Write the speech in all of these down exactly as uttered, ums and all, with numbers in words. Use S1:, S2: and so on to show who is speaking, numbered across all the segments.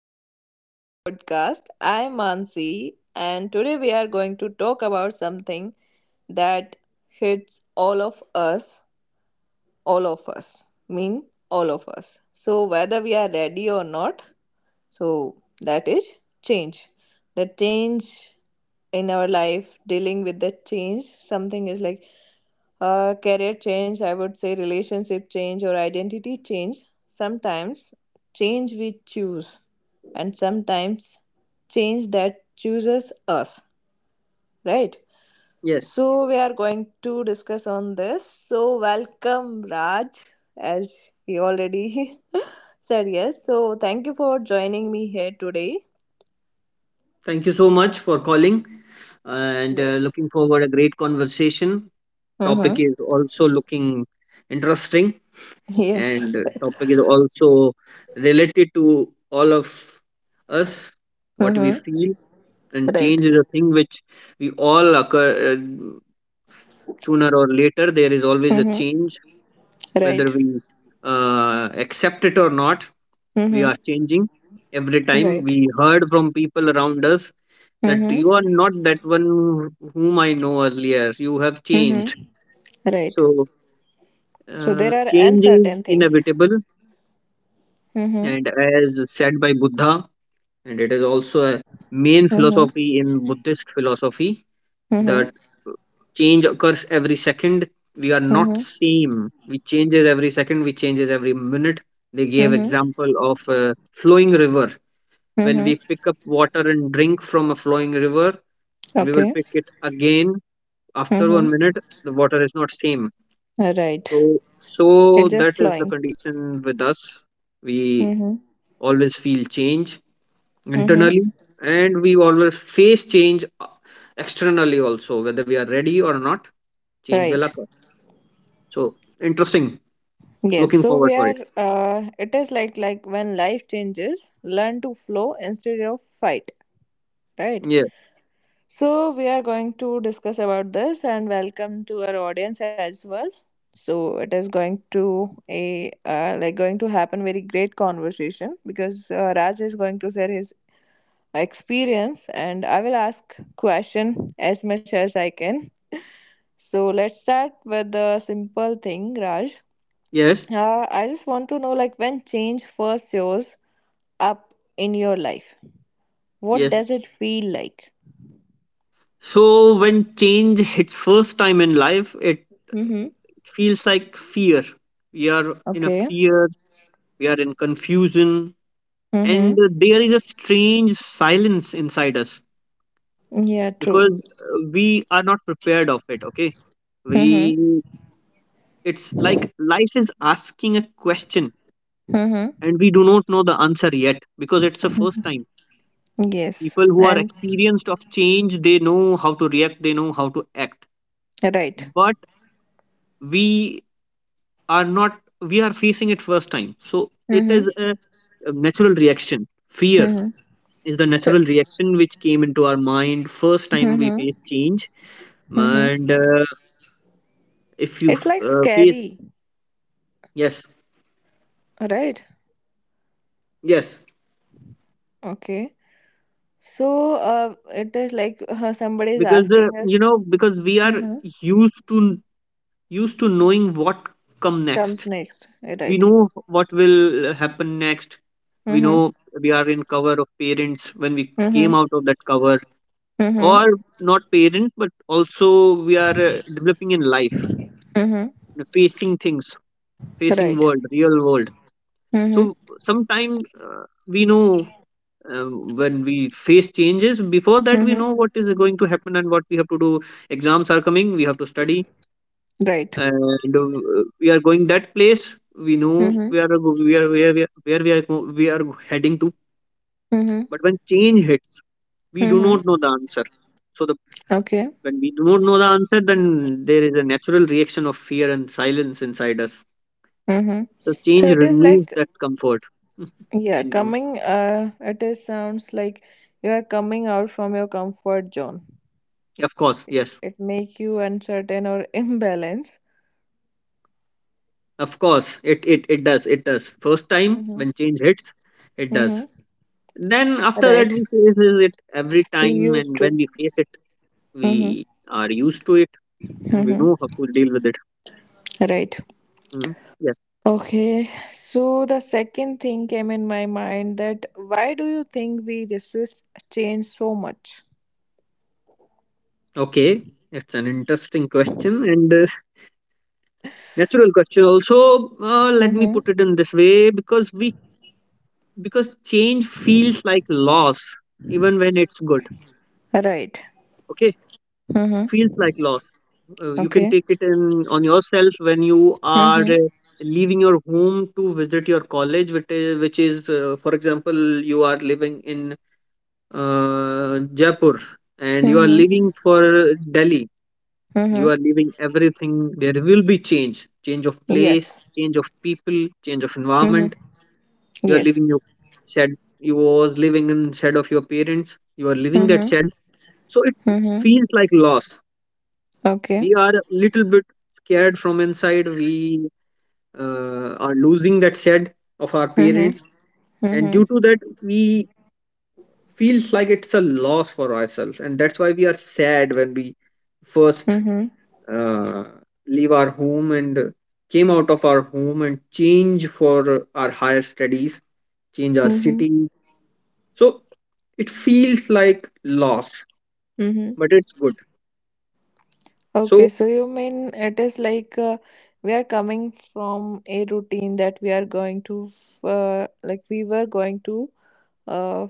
S1: welcome back to the podcast. I'm Mansi, and today we are going to talk about something that hits all of us, all of us, mean all of us. So, whether we are ready or not, so that is change. The change in our life, dealing with the change, something is like uh, career change, I would say relationship change or identity change. Sometimes change we choose, and sometimes change that chooses us, right?
S2: Yes.
S1: So we are going to discuss on this. So welcome Raj, as he already said yes. So thank you for joining me here today.
S2: Thank you so much for calling, and uh, looking
S1: Yes.
S2: forward a great conversation. Topic
S1: Mm-hmm.
S2: is also looking interesting, and uh,
S1: Yes.
S2: topic is also related to all of us, what we
S1: Mm-hmm.
S2: feel. And
S1: Right.
S2: change is a thing which we all occur, uh, sooner or later. There is always a
S1: Mm-hmm.
S2: change whether
S1: Right.
S2: we uh, accept it or not. We
S1: Mm-hmm.
S2: are changing every time
S1: Right.
S2: we heard from people around us that
S1: Mm-hmm.
S2: you are not that one whom I know earlier. You have
S1: Mm-hmm.
S2: changed.
S1: Right.
S2: So,
S1: So
S2: uh,
S1: there are
S2: change is
S1: uncertain things.
S2: inevitable,
S1: Mm-hmm.
S2: and as said by Buddha, and it is also a main
S1: Mm-hmm.
S2: philosophy in Buddhist philosophy
S1: Mm-hmm.
S2: that uh, change occurs every second. We are not
S1: Mm-hmm.
S2: same. We changes every second. We changes every minute. They gave
S1: Mm-hmm.
S2: example of a flowing river. When
S1: Mm-hmm.
S2: we pick up water and drink from a flowing river, and we will
S1: Okay.
S2: pick it again after
S1: Mm-hmm.
S2: one minute, the water is not same.
S1: Right.
S2: So so
S1: It's just
S2: that is the
S1: flowing.
S2: condition with us. We
S1: Mm-hmm.
S2: always feel change
S1: Mm-hmm.
S2: internally, and we always face change uh, externally also, whether we are ready or not. Change will
S1: Right.
S2: occur. So interesting.
S1: Yes.
S2: Looking
S1: So
S2: forward
S1: we
S2: for
S1: are.
S2: it.
S1: Uh, it is like like when life changes, learn to flow instead of fight. Right.
S2: Yes.
S1: So we are going to discuss about this and welcome to our audience as well. So it is going to a uh, like going to happen very great conversation because uh, Raj is going to share his experience and I will ask question as much as I can. So let's start with the simple thing, Raj.
S2: Yes.
S1: Uh, I just want to know like when change first shows up in your life, what
S2: Yes.
S1: does it feel like?
S2: So when change hits first time in life, it
S1: Mm-hmm.
S2: feels like fear. We are in a
S1: Okay.
S2: fear. We are in confusion, and
S1: Mm-hmm.
S2: there is a strange silence inside us,
S1: Yeah, true.
S2: because uh, we are not prepared of it. Okay. we
S1: Mm-hmm.
S2: it's like life is asking a question,
S1: Mm-hmm.
S2: and we do not know the answer yet because it's the first
S1: Mm-hmm.
S2: time.
S1: Yes.
S2: People who are
S1: And
S2: experienced of change, they know how to react, they know how to act.
S1: right.
S2: But we are not we are facing it first time, so it
S1: Mm-hmm.
S2: is a a natural reaction. Fear
S1: Mm-hmm.
S2: is the
S1: So
S2: natural reaction which came into our mind first time we
S1: mm-hmm.
S2: face change. And
S1: Mm-hmm.
S2: uh, if you
S1: It's
S2: f-
S1: like
S2: uh, face.
S1: scary,
S2: Yes.
S1: right?
S2: Yes.
S1: Okay. So uh it is like uh, somebody is
S2: because uh,
S1: asking
S2: you
S1: us
S2: know because we are
S1: mm-hmm.
S2: used to used to knowing what come
S1: comes
S2: next.
S1: next.
S2: We
S1: Right.
S2: know what will happen next. We
S1: Mm-hmm.
S2: know we are in cover of parents. When we came
S1: Mm-hmm.
S2: out of that cover,
S1: Mm-hmm.
S2: or not parents, but also we are uh, developing in life,
S1: Mm-hmm.
S2: facing things, facing
S1: Right.
S2: world, real world. So
S1: Mm-hmm.
S2: sometimes uh, we know, um, when we face changes before that, we know
S1: Mm-hmm.
S2: what is going to happen and what we have to do. Exams are coming, we have to study.
S1: Right.
S2: And uh, we are going that place. We know
S1: Mm-hmm.
S2: we are go- we are where we are, where we are, go- we are heading to.
S1: Mm-hmm.
S2: But when change hits, we do not
S1: Mm-hmm.
S2: know the answer. So the
S1: Okay.
S2: when we do not know the answer, then there is a natural reaction of fear and silence inside us.
S1: Mm-hmm.
S2: So
S1: So
S2: change
S1: it is
S2: removes
S1: like
S2: that comfort.
S1: Yeah,
S2: And uh,
S1: coming uh it is sounds like you are coming out from your comfort zone.
S2: of course, yes.
S1: It make you uncertain or imbalance.
S2: Of course, it, it it does. It does. First time
S1: Mm-hmm.
S2: when change hits, it
S1: Mm-hmm.
S2: does. Then after that we
S1: Right.
S2: faces it every
S1: We
S2: time,
S1: used
S2: and when
S1: to.
S2: we face it,
S1: Mm-hmm.
S2: we are used to it and we know
S1: Mm-hmm.
S2: how to deal with it.
S1: Right.
S2: Mm. Yes.
S1: Okay. So the second thing came in my mind that why do you think we resist change so much?
S2: Okay. It's an interesting question and uh, natural question. Also, uh, let me put
S1: Mm-hmm.
S2: it in this way, because we because change feels like loss even when it's good.
S1: Right.
S2: Okay, it feels like
S1: Mm-hmm.
S2: loss. Uh, you can
S1: Okay.
S2: take it in on yourself when you are
S1: Mm-hmm.
S2: uh, leaving your home to visit your college, which is, which is uh, for example, you are living in uh, Jaipur, and you are
S1: Mm-hmm.
S2: leaving for Delhi. You
S1: Mm-hmm.
S2: are leaving everything. There will be change, change of place,
S1: Yes.
S2: change of people, change of
S1: Mm-hmm.
S2: environment. You are
S1: Yes.
S2: leaving your shed. You was living in shed of your parents. You are leaving that
S1: Mm-hmm.
S2: shed. So it
S1: Mm-hmm.
S2: feels like loss.
S1: Okay.
S2: We are a little bit scared from inside. We uh, are losing that said of our
S1: Mm-hmm.
S2: parents, and
S1: Mm-hmm.
S2: due to that, we feels like it's a loss for ourselves. And that's why we are sad when we first
S1: Mm-hmm.
S2: uh, leave our home and came out of our home, and change for our higher studies, change our
S1: Mm-hmm.
S2: city. So it feels like loss,
S1: Mm-hmm.
S2: but it's good.
S1: Okay,
S2: So
S1: so you mean it is like uh, we are coming from a routine that we are going to, uh, like we were going to, uh,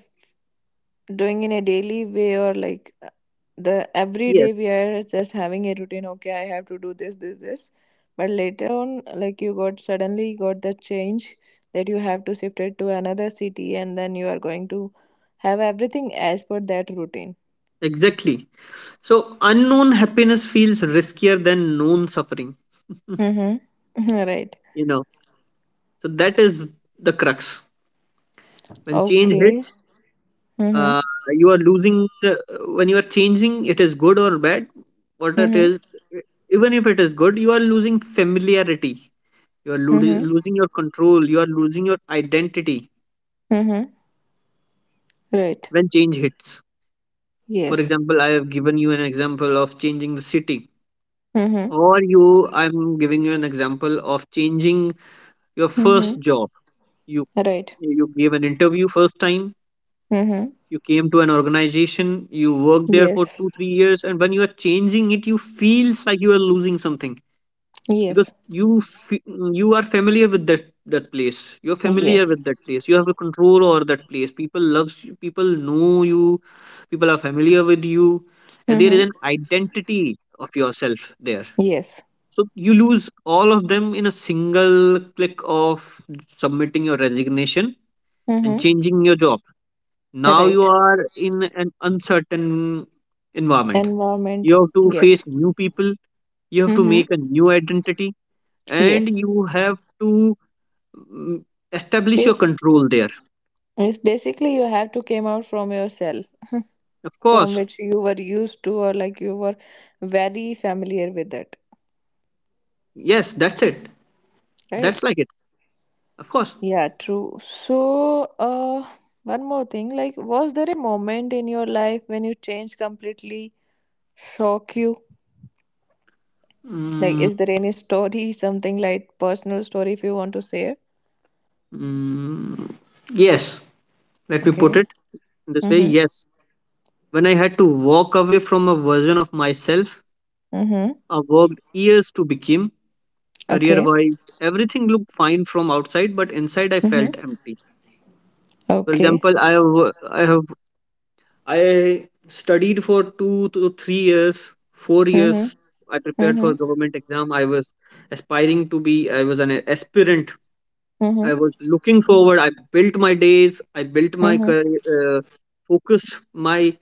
S1: doing in a daily way or like uh, the every
S2: yes,
S1: day we are just having a routine. Okay, I have to do this, this, this. But later on, like you got suddenly got the change that you have to shift it to another city and then you are going to have everything as per that routine.
S2: exactly. So unknown happiness feels riskier than known suffering.
S1: Mm-hmm. Right.
S2: You know, so that is the crux. When change
S1: Okay.
S2: hits,
S1: Mm-hmm.
S2: uh, you are losing. Uh, when you are changing, it is good or bad. What it
S1: Mm-hmm.
S2: is, even if it is good, you are losing familiarity. You are lo-
S1: Mm-hmm.
S2: losing your control. You are losing your identity
S1: Mm-hmm. Right.
S2: when change hits. For
S1: Yes.
S2: example, I have given you an example of changing the city,
S1: Mm-hmm.
S2: or you. I'm giving you an example of changing your first
S1: Mm-hmm.
S2: job. You.
S1: Right.
S2: you gave an interview first time.
S1: Mm-hmm.
S2: You came to an organization, you worked there for
S1: Yes.
S2: two three years, and when you are changing it, you feels like you are losing something. Because
S1: Yes.
S2: you fe- you are familiar with that that place. You're familiar
S1: Yes.
S2: with that place you have a control over that place. People loves you, people know you, people are familiar with you, and there is
S1: Mm-hmm.
S2: an identity of yourself there.
S1: Yes.
S2: So you lose all of them in a single click of submitting your resignation and
S1: Mm-hmm.
S2: changing your job. Now you
S1: Right.
S2: are in an uncertain environment.
S1: Environment.
S2: You have to face
S1: Yes.
S2: new people. You have to
S1: Mm-hmm.
S2: make a new identity. And
S1: Yes.
S2: you have to mm, establish your
S1: Yes.
S2: control there.
S1: It's basically you have to came out from your cell
S2: Of
S1: from
S2: course.
S1: which you were used to or like you were very familiar with it.
S2: Yes, that's it.
S1: Right.
S2: That's like it. Of course.
S1: Yeah, true. So, uh, one more thing, like, was there a moment in your life when you changed completely, shock you? Like,
S2: mm,
S1: is there any story, something like personal story if you want to share?
S2: mm, yes, let me put
S1: Okay.
S2: it in this way.
S1: Mm-hmm.
S2: Yes. When I had to walk away from a version of myself,
S1: Mm-hmm.
S2: I worked years to become. Career
S1: Okay.
S2: wise, everything looked fine from outside, but inside I
S1: Mm-hmm.
S2: felt empty. For
S1: Okay.
S2: example, I have wo- I have I studied for two to three years, four
S1: Mm-hmm.
S2: years. I prepared for
S1: Mm-hmm.
S2: government exam. I was aspiring to be. I was an aspirant. I
S1: Mm-hmm.
S2: was looking forward. I built my days. I built my
S1: Mm-hmm.
S2: career. Uh, focused my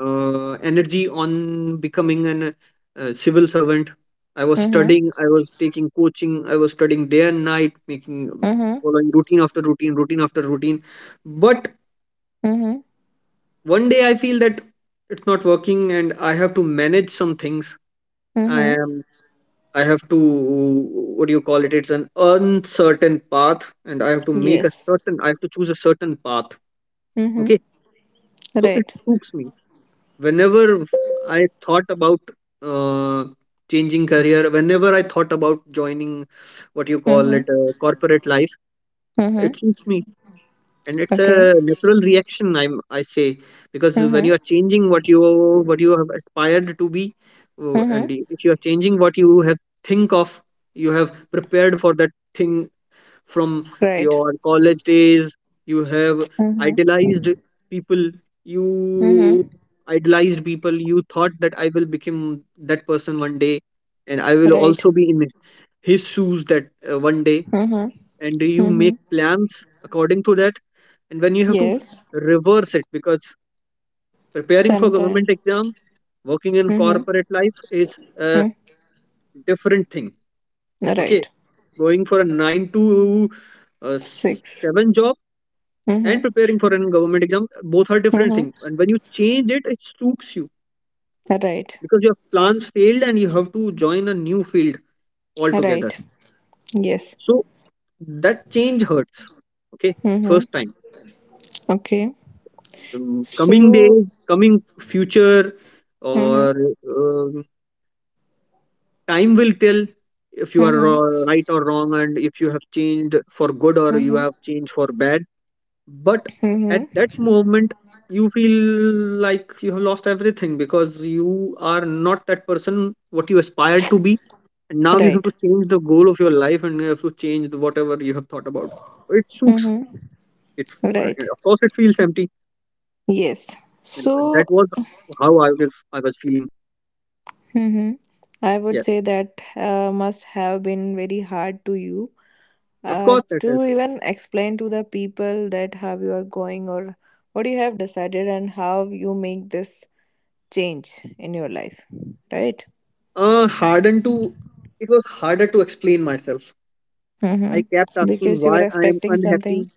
S2: uh, energy on becoming an uh, civil servant. I was
S1: Mm-hmm.
S2: studying. I was taking coaching. I was studying day and night, making,
S1: Mm-hmm.
S2: following routine after routine, routine after routine. But
S1: Mm-hmm.
S2: one day I feel that it's not working, and I have to manage some things. i
S1: Mm-hmm.
S2: am I have to, what do you call it, it's an uncertain path, and i have to make a
S1: Yes.
S2: certain I have to choose a certain path.
S1: Mm-hmm.
S2: Okay. So it
S1: Right.
S2: suits me. Whenever I thought about uh, changing career, whenever I thought about joining, what you call
S1: Mm-hmm.
S2: it, uh, corporate life,
S1: Mm-hmm.
S2: it suits me. And it's
S1: Okay.
S2: a natural reaction. i'm I say, because when
S1: Mm-hmm.
S2: you are changing what you what you have aspired to be. Uh,
S1: Mm-hmm.
S2: and i- if you are changing what you have think of, you have prepared for that thing from
S1: Right.
S2: your college days. you have
S1: Mm-hmm.
S2: idealized people you
S1: Mm-hmm.
S2: idealized people, you thought that I will become that person one day, and I will
S1: Right.
S2: also be in his shoes that uh, one day.
S1: Mm-hmm.
S2: And you
S1: Mm-hmm.
S2: make plans according to that. And when you have to
S1: Yes.
S2: reverse it, because preparing for government
S1: Sometime.
S2: exam, working in
S1: Mm-hmm.
S2: corporate life, is a
S1: Mm.
S2: different thing. Okay.
S1: Right.
S2: Going for a nine to uh,
S1: Six.
S2: seven job, and
S1: Mm-hmm.
S2: preparing for a government exam, both are different
S1: Mm-hmm.
S2: thing. And when you change it, it stooks you,
S1: Right.
S2: because your plans failed and you have to join a new field altogether.
S1: Right. Yes.
S2: So that change hurts. Okay.
S1: Mm-hmm.
S2: First time,
S1: Okay.
S2: um, coming
S1: So.
S2: days, coming future,
S1: Mm-hmm.
S2: or um, time will tell if you are
S1: Mm-hmm.
S2: ro- right or wrong, and if you have changed for good or you
S1: Mm-hmm.
S2: have changed for bad. But at
S1: Mm-hmm.
S2: that moment, you feel like you have lost everything, because you are not that person what you aspired to be. And now you have
S1: Right.
S2: to change the goal of your life, and you have to change the- whatever you have thought about. It suits.
S1: Mm-hmm.
S2: It,
S1: Right.
S2: of course, it feels empty.
S1: Yes.
S2: And that
S1: So
S2: was how I was, I was feeling.
S1: Mm-hmm. I would
S2: Yeah.
S1: say that uh, must have been very hard to you
S2: Of
S1: uh,
S2: course it
S1: to
S2: is.
S1: even explain to the people that how you are going or what you have decided and how you make this change in your life, right?
S2: Uh, hardened to it was harder to explain myself. I kept
S1: Mm-hmm.
S2: asking
S1: Because you were
S2: why I am
S1: expecting something.
S2: unhappy.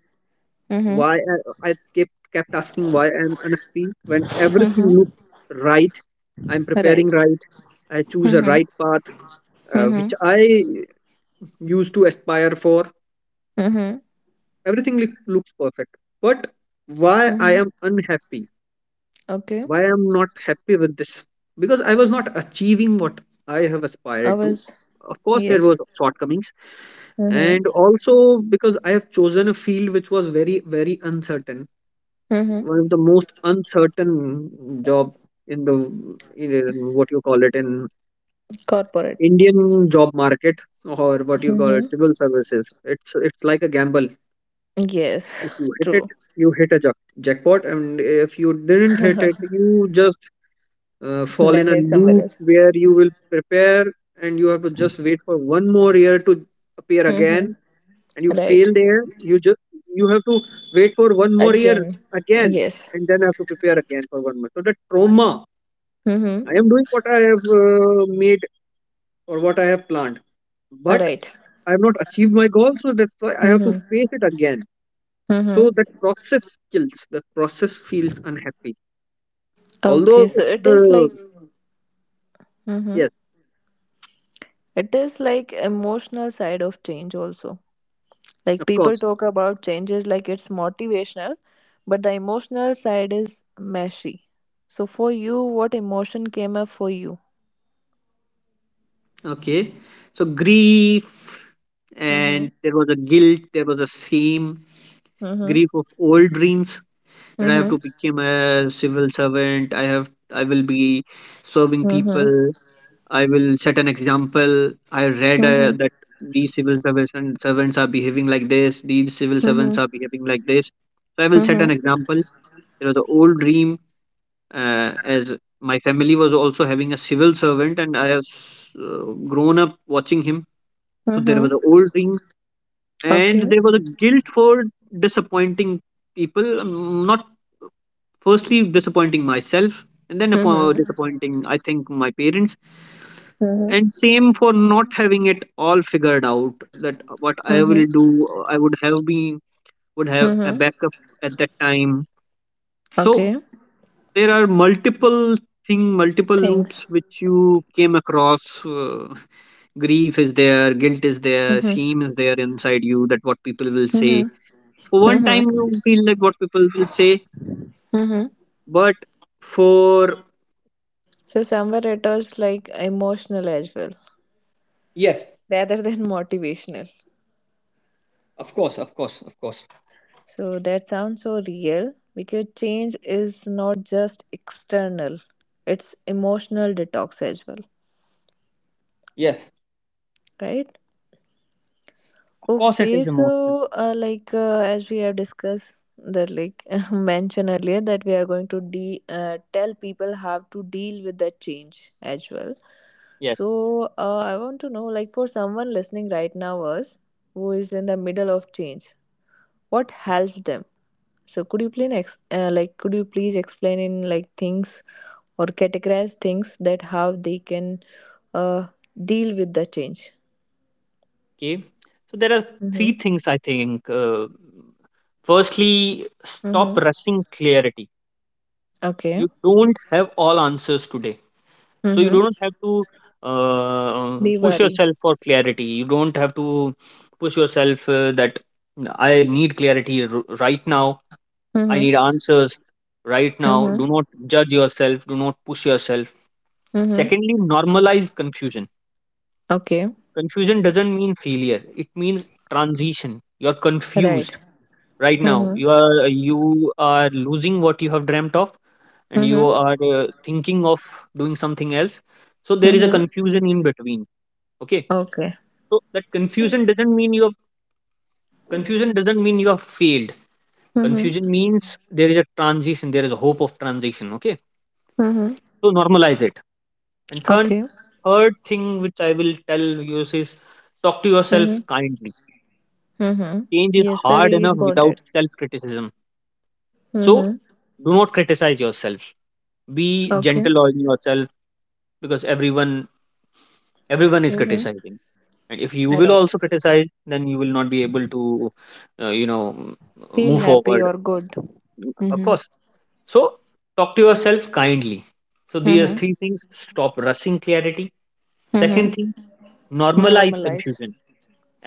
S1: Mm-hmm.
S2: Why I, I kept kept asking why I am unhappy when everything
S1: Mm-hmm.
S2: looks right. I'm preparing
S1: Right.
S2: right. I choose a
S1: Mm-hmm.
S2: right path, uh,
S1: Mm-hmm.
S2: which I used to aspire for.
S1: Mm-hmm.
S2: Everything look- looks perfect, but why I
S1: Mm-hmm.
S2: am unhappy?
S1: Okay.
S2: Why I'm not happy with this? Because I was not achieving what I have
S1: I
S2: aspired to.
S1: was
S2: Of course there were
S1: yes.
S2: shortcomings,
S1: Mm-hmm.
S2: and also because I have chosen a field which was very, very uncertain,
S1: Mm-hmm.
S2: one of the most uncertain job in the, in in what you call it, in
S1: Corporate.
S2: Indian job market, or what you call
S1: Mm-hmm.
S2: it, civil services. It's it's like a gamble.
S1: Yes.
S2: If you hit it,
S1: True.
S2: you hit a jack- jackpot. And if you didn't hit it, you just uh, fall in a
S1: Landed somewhere
S2: loop
S1: else.
S2: where you will prepare, and you have to just wait for one more year to appear
S1: Mm-hmm.
S2: again. And you
S1: Right.
S2: fail there, you just, you have to wait for one more year.
S1: Again.
S2: Again.
S1: Yes.
S2: And then have to prepare again for one month. So the trauma, I
S1: Mm-hmm.
S2: am doing what I have uh, made, or what I have planned, but
S1: Right.
S2: I have not achieved my goal, so that's why I have to
S1: Mm-hmm.
S2: face it again. So
S1: Mm-hmm.
S2: that process kills, the process feels unhappy, although
S1: Okay. So it is
S2: the,
S1: like. Mm-hmm.
S2: yes,
S1: It is like emotional side of change also. Like
S2: of
S1: people
S2: course.
S1: talk about changes like it's motivational, but the emotional side is meshy. So for you, what emotion came up for you?
S2: Okay. So grief,
S1: Mm-hmm.
S2: and there was a guilt, there was a shame,
S1: Mm-hmm.
S2: grief of old dreams that I have
S1: Mm-hmm.
S2: to become a civil servant, I have I will be serving
S1: Mm-hmm.
S2: people, I will set an example. I read uh,
S1: Mm-hmm.
S2: that these civil servants and servants are behaving like this, these civil servants
S1: Mm-hmm.
S2: are behaving like this. So I will set an
S1: Mm-hmm.
S2: example. There was the old dream, uh, as my family was also having a civil servant, and I have s- uh, grown up watching him, so there
S1: Mm-hmm.
S2: was an old ring, and
S1: Okay.
S2: there was a guilt for disappointing people. um, Not firstly disappointing myself, and then apo-
S1: Mm-hmm.
S2: disappointing, I think, my parents,
S1: Mm-hmm.
S2: and same for not having it all figured out. That what I will
S1: Mm-hmm.
S2: do, I would have been would have a
S1: Mm-hmm.
S2: backup at that time. So
S1: Okay.
S2: there are multiple thing multiple loops
S1: Thanks.
S2: which you came across, uh, grief is there, guilt is there,
S1: Mm-hmm.
S2: shame is there inside you, that what people will
S1: Mm-hmm.
S2: say. For one time
S1: Mm-hmm.
S2: you feel like what people will say,
S1: Mm-hmm.
S2: but for,
S1: So somewhere it was like emotional as well,
S2: yes,
S1: rather than motivational.
S2: of course, of course, of course.
S1: So that sounds so real because change is not just external; it's emotional detox as well,
S2: Yes,
S1: right?
S2: of course it
S1: Okay,
S2: is emotional.
S1: so uh, like uh, as we have discussed that like mentioned earlier that we are going to de uh, tell people how to deal with that change as well.
S2: Yes,
S1: So uh, I want to know like for someone listening right now us who is in the middle of change, what helps them? So could you please ex uh, like could you please explain in like things or categorize things that how they can uh, deal with the change?
S2: okay. So there are
S1: Mm-hmm.
S2: three things, I think, uh, firstly, stop
S1: Mm-hmm.
S2: rushing clarity.
S1: Okay.
S2: You don't have all answers today. So you don't
S1: Mm-hmm.
S2: have to uh, um, push
S1: Diwali.
S2: yourself for clarity. You don't have to push yourself uh, that I need clarity r- right now. I
S1: Mm-hmm.
S2: need answers right now.
S1: Mm-hmm.
S2: Do not judge yourself. Do not push yourself.
S1: Mm-hmm.
S2: Secondly, normalize confusion.
S1: Okay.
S2: Confusion doesn't mean failure. It means transition. You're
S1: Right.
S2: confused right now.
S1: Mm-hmm.
S2: You are you are losing what you have dreamt of, and you
S1: Mm-hmm.
S2: are uh, thinking of doing something else. So there is a
S1: Mm-hmm.
S2: confusion in between. Okay.
S1: Okay.
S2: So that confusion doesn't mean you have confusion doesn't mean you have failed.
S1: Mm-hmm.
S2: Confusion means there is a transition, there is a hope of transition. Okay.
S1: Mm-hmm.
S2: So normalize it. And third
S1: Okay.
S2: third thing which I will tell you is talk to yourself
S1: Mm-hmm.
S2: kindly.
S1: Mm-hmm.
S2: Change is
S1: Yes,
S2: hard
S1: very
S2: enough without
S1: important.
S2: self-criticism.
S1: Mm-hmm.
S2: So do not criticize yourself. Be
S1: Okay.
S2: gentle on yourself, because everyone everyone is
S1: Mm-hmm.
S2: criticizing. And if you will
S1: Right.
S2: also criticize, then you will not be able to, uh, you know,
S1: Feel
S2: move
S1: happy
S2: forward,
S1: or good.
S2: of
S1: Mm-hmm.
S2: course. So talk to yourself kindly. So these are
S1: Mm-hmm.
S2: three things: stop rushing clarity.
S1: Mm-hmm.
S2: Second thing, normalize
S1: Normalize.
S2: confusion.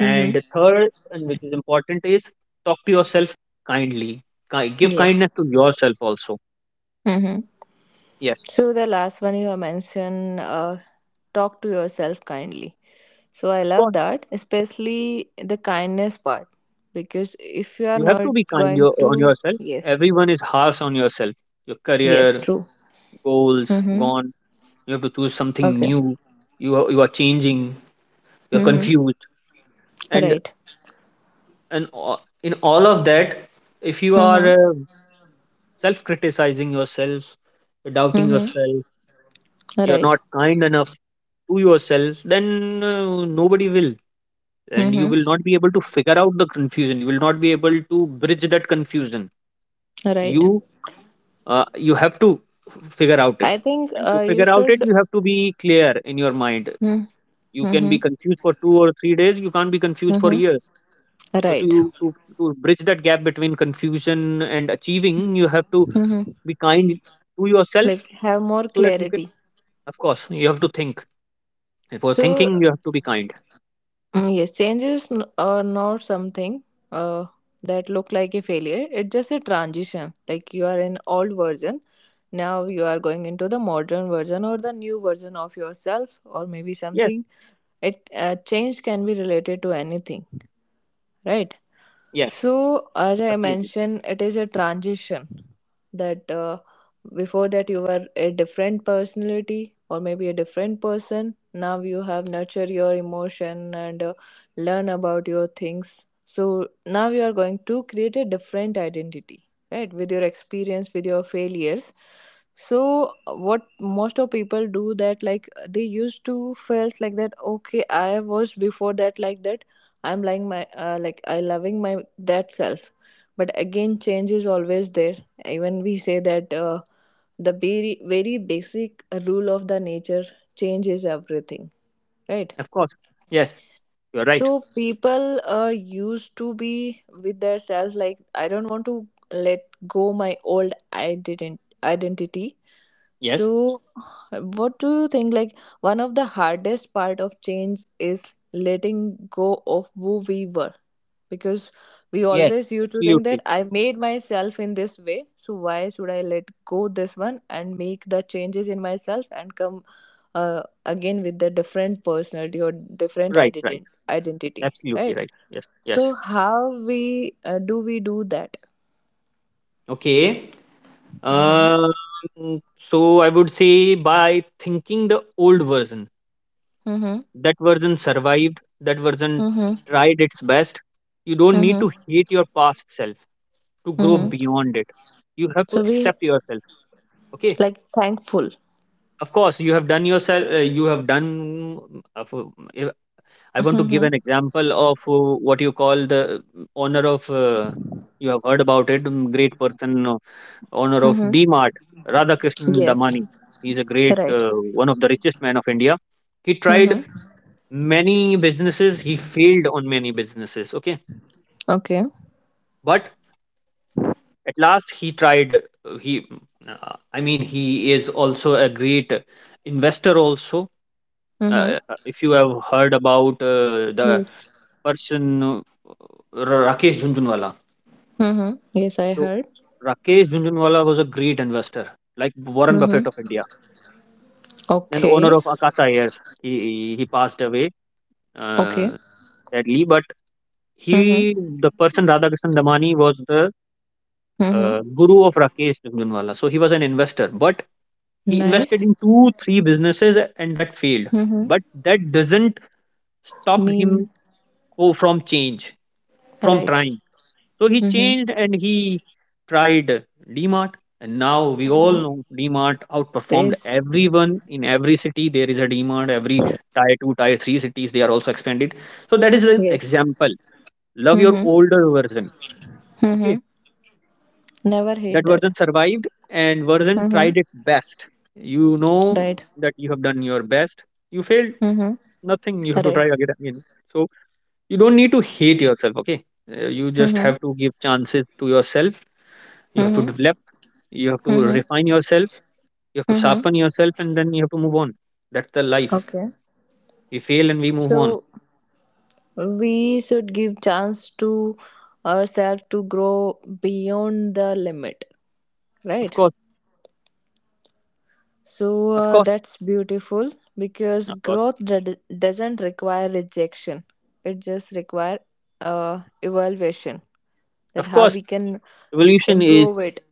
S1: Mm-hmm.
S2: the third, and which is important, is talk to yourself kindly. Ki- Give
S1: Yes.
S2: kindness to yourself also.
S1: Mm-hmm.
S2: Yes,
S1: So the last one you mentioned, uh, talk to yourself kindly. So I
S2: of
S1: love
S2: course,
S1: that, especially the kindness part, because if you are
S2: you have
S1: not
S2: to be kind
S1: going
S2: your, on
S1: to,
S2: yourself.
S1: yes,
S2: Everyone is harsh on yourself. Your
S1: yes,
S2: career
S1: true.
S2: goals
S1: Mm-hmm.
S2: gone. You have to choose something
S1: Okay.
S2: new. You are, you are changing. You're
S1: Mm-hmm.
S2: confused, and
S1: Right.
S2: and a- in all of that, if you are
S1: Mm-hmm.
S2: uh, self criticizing yourself, doubting
S1: Mm-hmm.
S2: yourself, you're
S1: Right.
S2: not kind enough to yourself, then uh, nobody will. And you
S1: Mm-hmm.
S2: will not be able to figure out the confusion. You will not be able to bridge that confusion.
S1: Right.
S2: You uh, you have to figure out it.
S1: I think
S2: And to
S1: uh, you
S2: figure out it,
S1: should.
S2: you have to be clear in your mind.
S1: Mm-hmm.
S2: You can
S1: Mm-hmm.
S2: be confused for two or three days. You can't be confused for
S1: Mm-hmm.
S2: years. So
S1: Right.
S2: to to to bridge that gap between confusion and achieving, you have to
S1: Mm-hmm.
S2: be kind to yourself
S1: Like have more
S2: so that you can.
S1: clarity.
S2: Of course, you have to think. And for
S1: So
S2: thinking, you have to be kind.
S1: Mm, yes, changes n- are not something uh, that look like a failure. It's just a transition. Like you are in old version, now you are going into the modern version or the new version of yourself, or maybe
S2: Yes,
S1: something. It uh, change can be related to anything, right?
S2: yes,
S1: So, as I
S2: absolutely.
S1: mentioned, it is a transition that uh, before that you were a different personality or maybe a different person. Now you have nurture your emotion and uh, learn about your things. So now you are going to create a different identity, right? With your experience, with your failures. So what most of people do that like they used to felt like that okay I was before that like that I'm like my uh, like I loving my that self. But again, change is always there. Even we say that uh, the very very basic rule of the nature change is everything, right?
S2: Of course, yes, you're right.
S1: So people uh, used to be with their self like I don't want to let go my old ident- identity.
S2: Yes,
S1: So what do you think like one of the hardest part of change is letting go of who we were? Because we
S2: yes,
S1: always used to think that
S2: absolutely.
S1: I made myself in this way, so why should I let go this one and make the changes in myself and come uh, again with the different personality or different
S2: Right, right,
S1: identity, identity,
S2: absolutely
S1: right?
S2: right. Yes,
S1: So
S2: yes.
S1: how we uh, do we do that?
S2: Okay.
S1: Mm-hmm.
S2: Um, so I would say by thinking the old version,
S1: Mm-hmm.
S2: that version survived, that version
S1: Mm-hmm.
S2: tried its best. You don't need to
S1: Mm-hmm.
S2: hate your past self to grow
S1: Mm-hmm.
S2: beyond it. You have to
S1: So we
S2: accept yourself. Okay.
S1: like thankful.
S2: Of course, you have done yourself. Uh, you have done. uh, for- if- I want to give
S1: Mm-hmm.
S2: an example of, uh, what you call, the honor of. Uh, you have heard about it. um, Great person, uh, honor of
S1: Mm-hmm.
S2: D-Mart, Radhakrishnan
S1: Yes.
S2: Damani. He's a great,
S1: Right.
S2: uh, One of the richest man of India. He tried
S1: Mm-hmm.
S2: many businesses. He failed on many businesses. Okay,
S1: Okay.
S2: but at last he tried. uh, He, uh, I mean, he is also a great investor also.
S1: Mm-hmm.
S2: Uh, uh, if you have heard about uh, the
S1: Yes.
S2: person, uh, R- Rakesh Jhunjhunwala.
S1: Mm-hmm. Yes, I
S2: So
S1: heard.
S2: Rakesh Jhunjhunwala was a great investor, like Warren Buffett
S1: Mm-hmm.
S2: of India, and owner
S1: Okay.
S2: of Akasa Airs. He he he passed away,
S1: Okay.
S2: uh, sadly, but
S1: Mm-hmm.
S2: he the person Radhakrishnan Damani was the
S1: Mm-hmm.
S2: uh, guru of Rakesh Jhunjhunwala. So he was an investor, but he invested
S1: Nice.
S2: in two three businesses, and that failed.
S1: Mm-hmm.
S2: But that doesn't stop him,
S1: Mean.
S2: oh, from change, from
S1: Right.
S2: trying. So he
S1: Mm-hmm.
S2: changed and he tried DMart. And now we all
S1: Mm-hmm.
S2: know DMart outperformed
S1: Is.
S2: everyone in every city. There is a DMart, every tier two, tier three cities, they are also expanded. So that is an
S1: Yes.
S2: example. Love your
S1: Mm-hmm.
S2: older version.
S1: Mm-hmm.
S2: Okay.
S1: Never
S2: That
S1: hate that.
S2: version survived and version
S1: Mm-hmm.
S2: tried it best. You know
S1: Right.
S2: that you have done your best. You failed,
S1: Mm-hmm.
S2: nothing. You have to
S1: Right.
S2: try again. Again. So you don't need to hate yourself. Okay. Uh, you just
S1: Mm-hmm.
S2: have to give chances to yourself. You have to
S1: Mm-hmm.
S2: develop, you have to
S1: Mm-hmm.
S2: refine yourself, you have to
S1: Mm-hmm.
S2: sharpen yourself, and then you have to move on. That's the life.
S1: Okay.
S2: We fail and we move on.
S1: So we should give chance to ourselves to grow beyond the limit.
S2: Of
S1: Right.
S2: course,
S1: So
S2: of
S1: uh,
S2: course,
S1: that's beautiful because
S2: of course,
S1: growth d- doesn't require rejection. It just require uh, evaluation that
S2: of
S1: how
S2: course.
S1: we can
S2: Evolution
S1: improve
S2: is,
S1: it.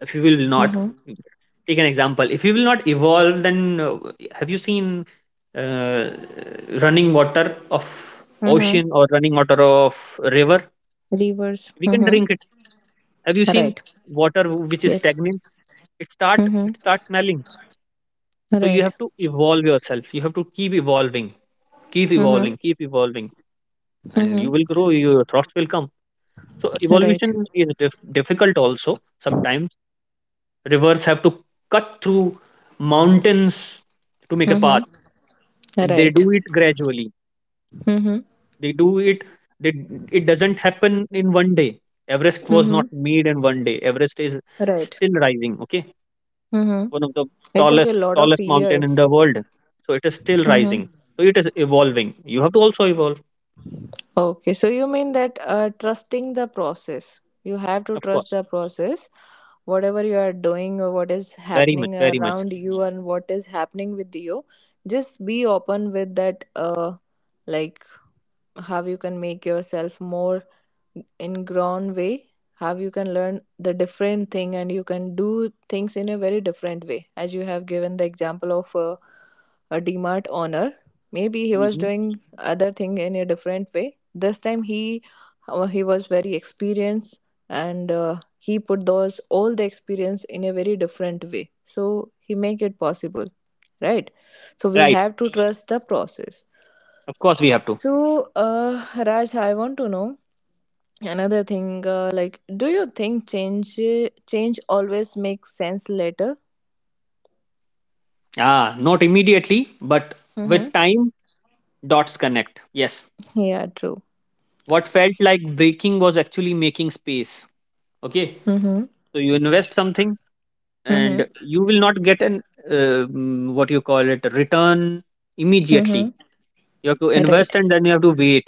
S2: if you will not
S1: Mm-hmm.
S2: take an example. If you will not evolve, then uh, have you seen, uh, running water of
S1: Mm-hmm.
S2: ocean, or running water of river?
S1: Levers.
S2: We can
S1: Mm-hmm.
S2: drink it. Have you seen
S1: Right.
S2: water which is
S1: Yes.
S2: stagnant? It start
S1: Mm-hmm.
S2: it starts smelling. So you
S1: Right.
S2: have to evolve yourself. You have to keep evolving. Keep
S1: Mm-hmm.
S2: evolving, keep evolving, and
S1: Mm-hmm.
S2: you will grow. Your thoughts will come. So
S1: Right.
S2: evolution is dif- difficult also. Sometimes rivers have to cut through mountains to make a path,
S1: Mm-hmm.
S2: and they
S1: Right.
S2: do it gradually.
S1: Mm-hmm.
S2: They do it. They, it doesn't happen in one day. Everest was
S1: Mm-hmm.
S2: not made in one day. Everest is
S1: Right.
S2: still rising. Okay,
S1: Mm-hmm.
S2: one of the
S1: It took a
S2: tallest
S1: lot of
S2: tallest mountain in
S1: years.
S2: the world. So it is still
S1: Mm-hmm.
S2: rising. So it is evolving. You have to also evolve,
S1: Okay, so you mean that uh, trusting the process. You have to
S2: of
S1: trust
S2: course.
S1: the process. Whatever you are doing or what is
S2: Very much,
S1: happening
S2: very much.
S1: around you and what is happening with you, just be open with that uh like how you can make yourself more in grown way how you can learn the different thing and you can do things in a very different way as you have given the example of a, a dmart owner maybe he was
S2: Hmm.
S1: doing other thing in a different way this time he uh, he was very experienced and uh, he put those all the experience in a very different way so he make it possible right so we
S2: Right.
S1: have to trust the process
S2: Of course, we have to.
S1: so uh, raj I want to know another thing, uh, like, do you think change change always makes sense later?
S2: Ah, not immediately, but
S1: Mm-hmm.
S2: with time, dots connect. Yes.
S1: Yeah, true.
S2: What felt like breaking was actually making space. Okay.
S1: Mm-hmm.
S2: So you invest something and
S1: Mm-hmm.
S2: you will not get an, uh, mm, what you call it, return
S1: Mm-hmm.
S2: immediately. You have to
S1: Right.
S2: invest and then you have to wait.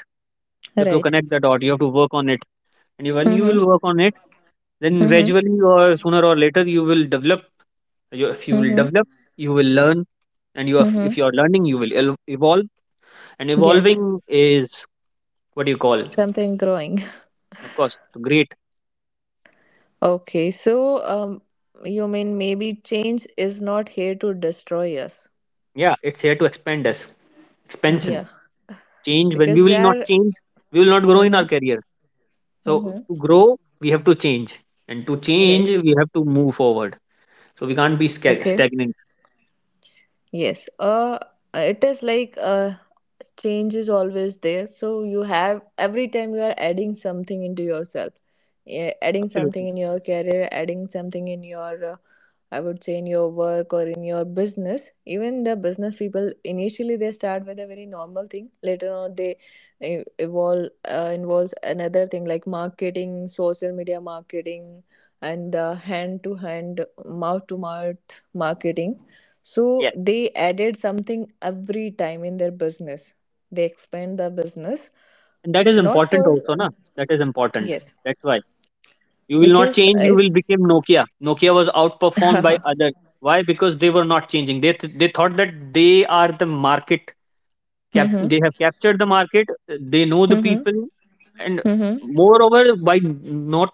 S2: You have to
S1: Right.
S2: connect the dot. You have to work on it. And you- when you
S1: Mm-hmm.
S2: will work on it, then
S1: Mm-hmm.
S2: gradually or sooner or later, you will develop. You- If you will
S1: Mm-hmm.
S2: develop, you will learn. And you, are-
S1: Mm-hmm.
S2: if you are learning, you will el- evolve. And
S1: Yes.
S2: evolving is what do you call.
S1: Something growing.
S2: Of course, great.
S1: Okay. So, um, you mean maybe change is not here to destroy us?
S2: Yeah, it's here to expand us. Expansion.
S1: Yeah.
S2: Change, when we
S1: Because we
S2: will not
S1: are.
S2: change, we will not grow in
S1: Mm-hmm.
S2: our career. So
S1: Mm-hmm.
S2: to grow we have to change, and to change
S1: Right.
S2: we have to move forward, so we can't be sca-
S1: Okay.
S2: stagnant.
S1: Yes. Uh, it is like uh, change is always there so you have every time you are adding something into yourself eh, adding
S2: Absolutely.
S1: something in your career adding something in your uh, I would say in your work or in your business, even the business people initially they start with a very normal thing. Later on, they eh, evolve uh, involves another thing like marketing, social media marketing, and the hand to hand, mouth to mouth marketing. So
S2: Yes.
S1: they added something every time in their business. They expand the business
S2: And that is
S1: not
S2: important
S1: for
S2: also na. That is important.
S1: yes
S2: That's why, you will not
S1: because
S2: change, you
S1: if.
S2: will become Nokia. Nokia was outperformed by others. Why? Because they were not changing. They th- they thought that they are the market Cap
S1: Mm-hmm.
S2: they have captured the market, uh, they know the
S1: Mm-hmm.
S2: people, and
S1: Mm-hmm.
S2: moreover, by not,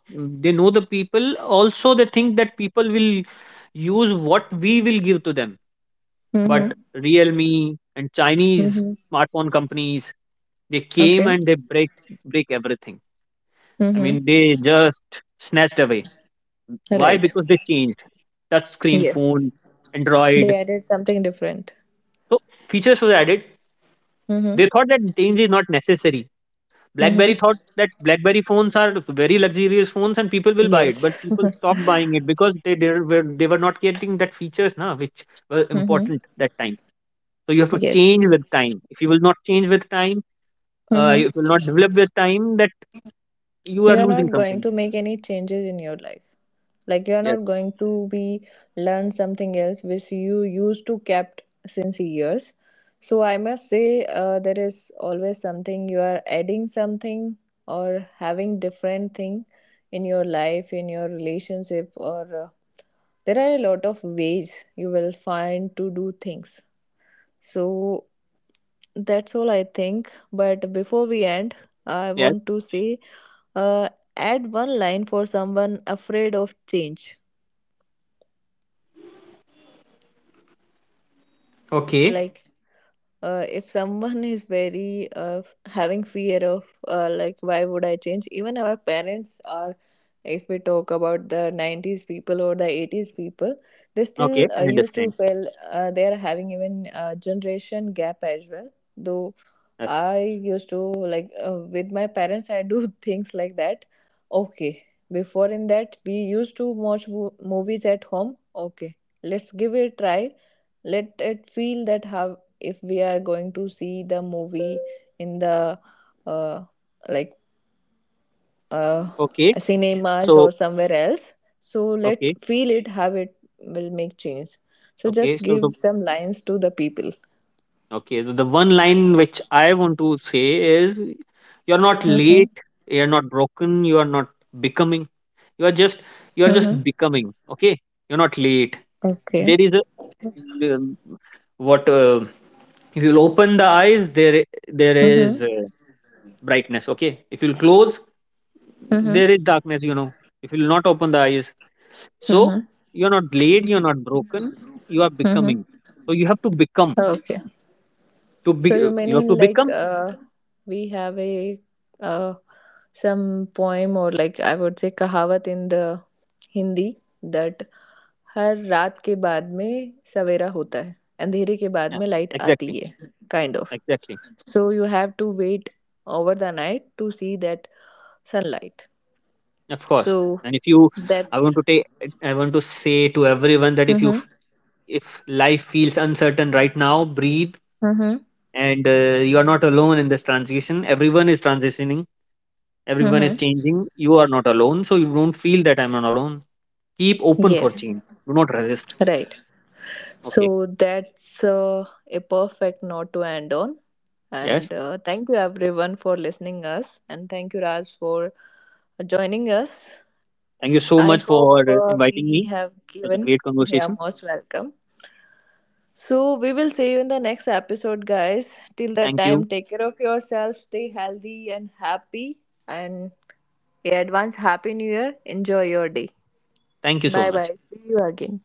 S2: they know the people, also they think that people will use what we will give to them.
S1: Mm-hmm.
S2: But Realme and Chinese
S1: Mm-hmm.
S2: smartphone companies, they came
S1: Okay.
S2: and they break break everything. I
S1: Mm-hmm.
S2: mean, they just snatched away. Why?
S1: Right.
S2: Because they changed. Touch screen
S1: Yes.
S2: phone,
S1: They
S2: Android.
S1: added something different.
S2: So features were added.
S1: Mm-hmm.
S2: They thought that change is not necessary. BlackBerry thought
S1: Mm-hmm.
S2: that BlackBerry phones are very luxurious phones and people will buy it, but
S1: Yes.
S2: people stopped buying it because they they were they were not getting that features now which were
S1: Mm-hmm.
S2: important that time. So you have to
S1: Yes.
S2: change with time. If you will not change with time, uh,
S1: Mm-hmm.
S2: you will not develop with time, that you are
S1: You are
S2: losing
S1: not going
S2: something.
S1: to make any changes in your life. Like you are not
S2: Yes.
S1: going to be learn something else which you used to kept since years. So I must say uh, there is always something you are adding something or having different thing in your life, in your relationship or uh, there are a lot of ways you will find to do things so that's all I think but before we end I
S2: Yes.
S1: want to say uh, add one line for someone afraid of change
S2: Okay.
S1: like uh, if someone is very uh, having fear of uh, like why would I change even our parents are if we talk about the nineties people or the eighties people they still
S2: Okay.
S1: uh,
S2: I
S1: used to
S2: understand.
S1: feel uh, they are having even uh, generation gap as well though
S2: Yes.
S1: I used to like uh, with my parents. I do things like that. Okay, before in that we used to watch mo- movies at home. Okay, let's give it a try. Let it feel that how if we are going to see the movie in the uh, like uh,
S2: Okay.
S1: cinemas
S2: So
S1: or somewhere else. So let
S2: okay.
S1: feel it how it will make change. So
S2: Okay.
S1: just
S2: So the
S1: give some lines to the people.
S2: Okay, the the one line which I want to say is, you're
S1: Mm-hmm.
S2: not late, you're not broken, you are not becoming. You are just you are
S1: Mm-hmm.
S2: just becoming, okay? You're not late.
S1: Okay.
S2: There is a, um, what uh, if you'll open the eyes, there i- there
S1: Mm-hmm.
S2: is, uh, brightness, okay? If you'll close, there is darkness, you know. If you'll not open the eyes. So
S1: Mm-hmm.
S2: you're not late, you're not broken, you are
S1: Mm-hmm.
S2: becoming. So you have to become,
S1: Okay.
S2: to
S1: So
S2: be
S1: you
S2: you have
S1: mean
S2: to
S1: like
S2: become.
S1: uh, we have a uh, some poem or like I would say कहावत in the Hindi that हर रात के बाद में सवेरा होता है अंधेरे के बाद
S2: Yeah,
S1: में लाइट आती
S2: exactly,
S1: है kind of.
S2: exactly.
S1: So you have to wait over the night to see that sunlight.
S2: Of course.
S1: So
S2: And if you, I want
S1: that's
S2: to take, I want to say to everyone that if you,
S1: mm-hmm.
S2: f- if life feels uncertain right now, breathe,
S1: Mm-hmm.
S2: and uh, you are not alone in this transition. Everyone is transitioning. Everyone is
S1: Mm-hmm.
S2: changing. You are not alone, so you don't feel that I'm not alone. Keep open for
S1: Yes,
S2: change. Do not resist.
S1: right.
S2: Okay.
S1: So that's uh, a perfect note to end on.
S2: Yes.
S1: And uh, thank you everyone for listening us, and thank you Raj for uh, joining us.
S2: Thank you so
S1: I
S2: much
S1: hope
S2: for
S1: uh,
S2: inviting
S1: we
S2: me.
S1: have
S2: It was a
S1: given.
S2: great
S1: Yeah,
S2: conversation.
S1: most welcome. So we will see you in the next episode, guys. Till that
S2: Thank you.
S1: time, take care of yourself, stay healthy and happy, and yeah, advance happy new year. Enjoy your day.
S2: Thank you so
S1: Bye
S2: much.
S1: bye. See you again.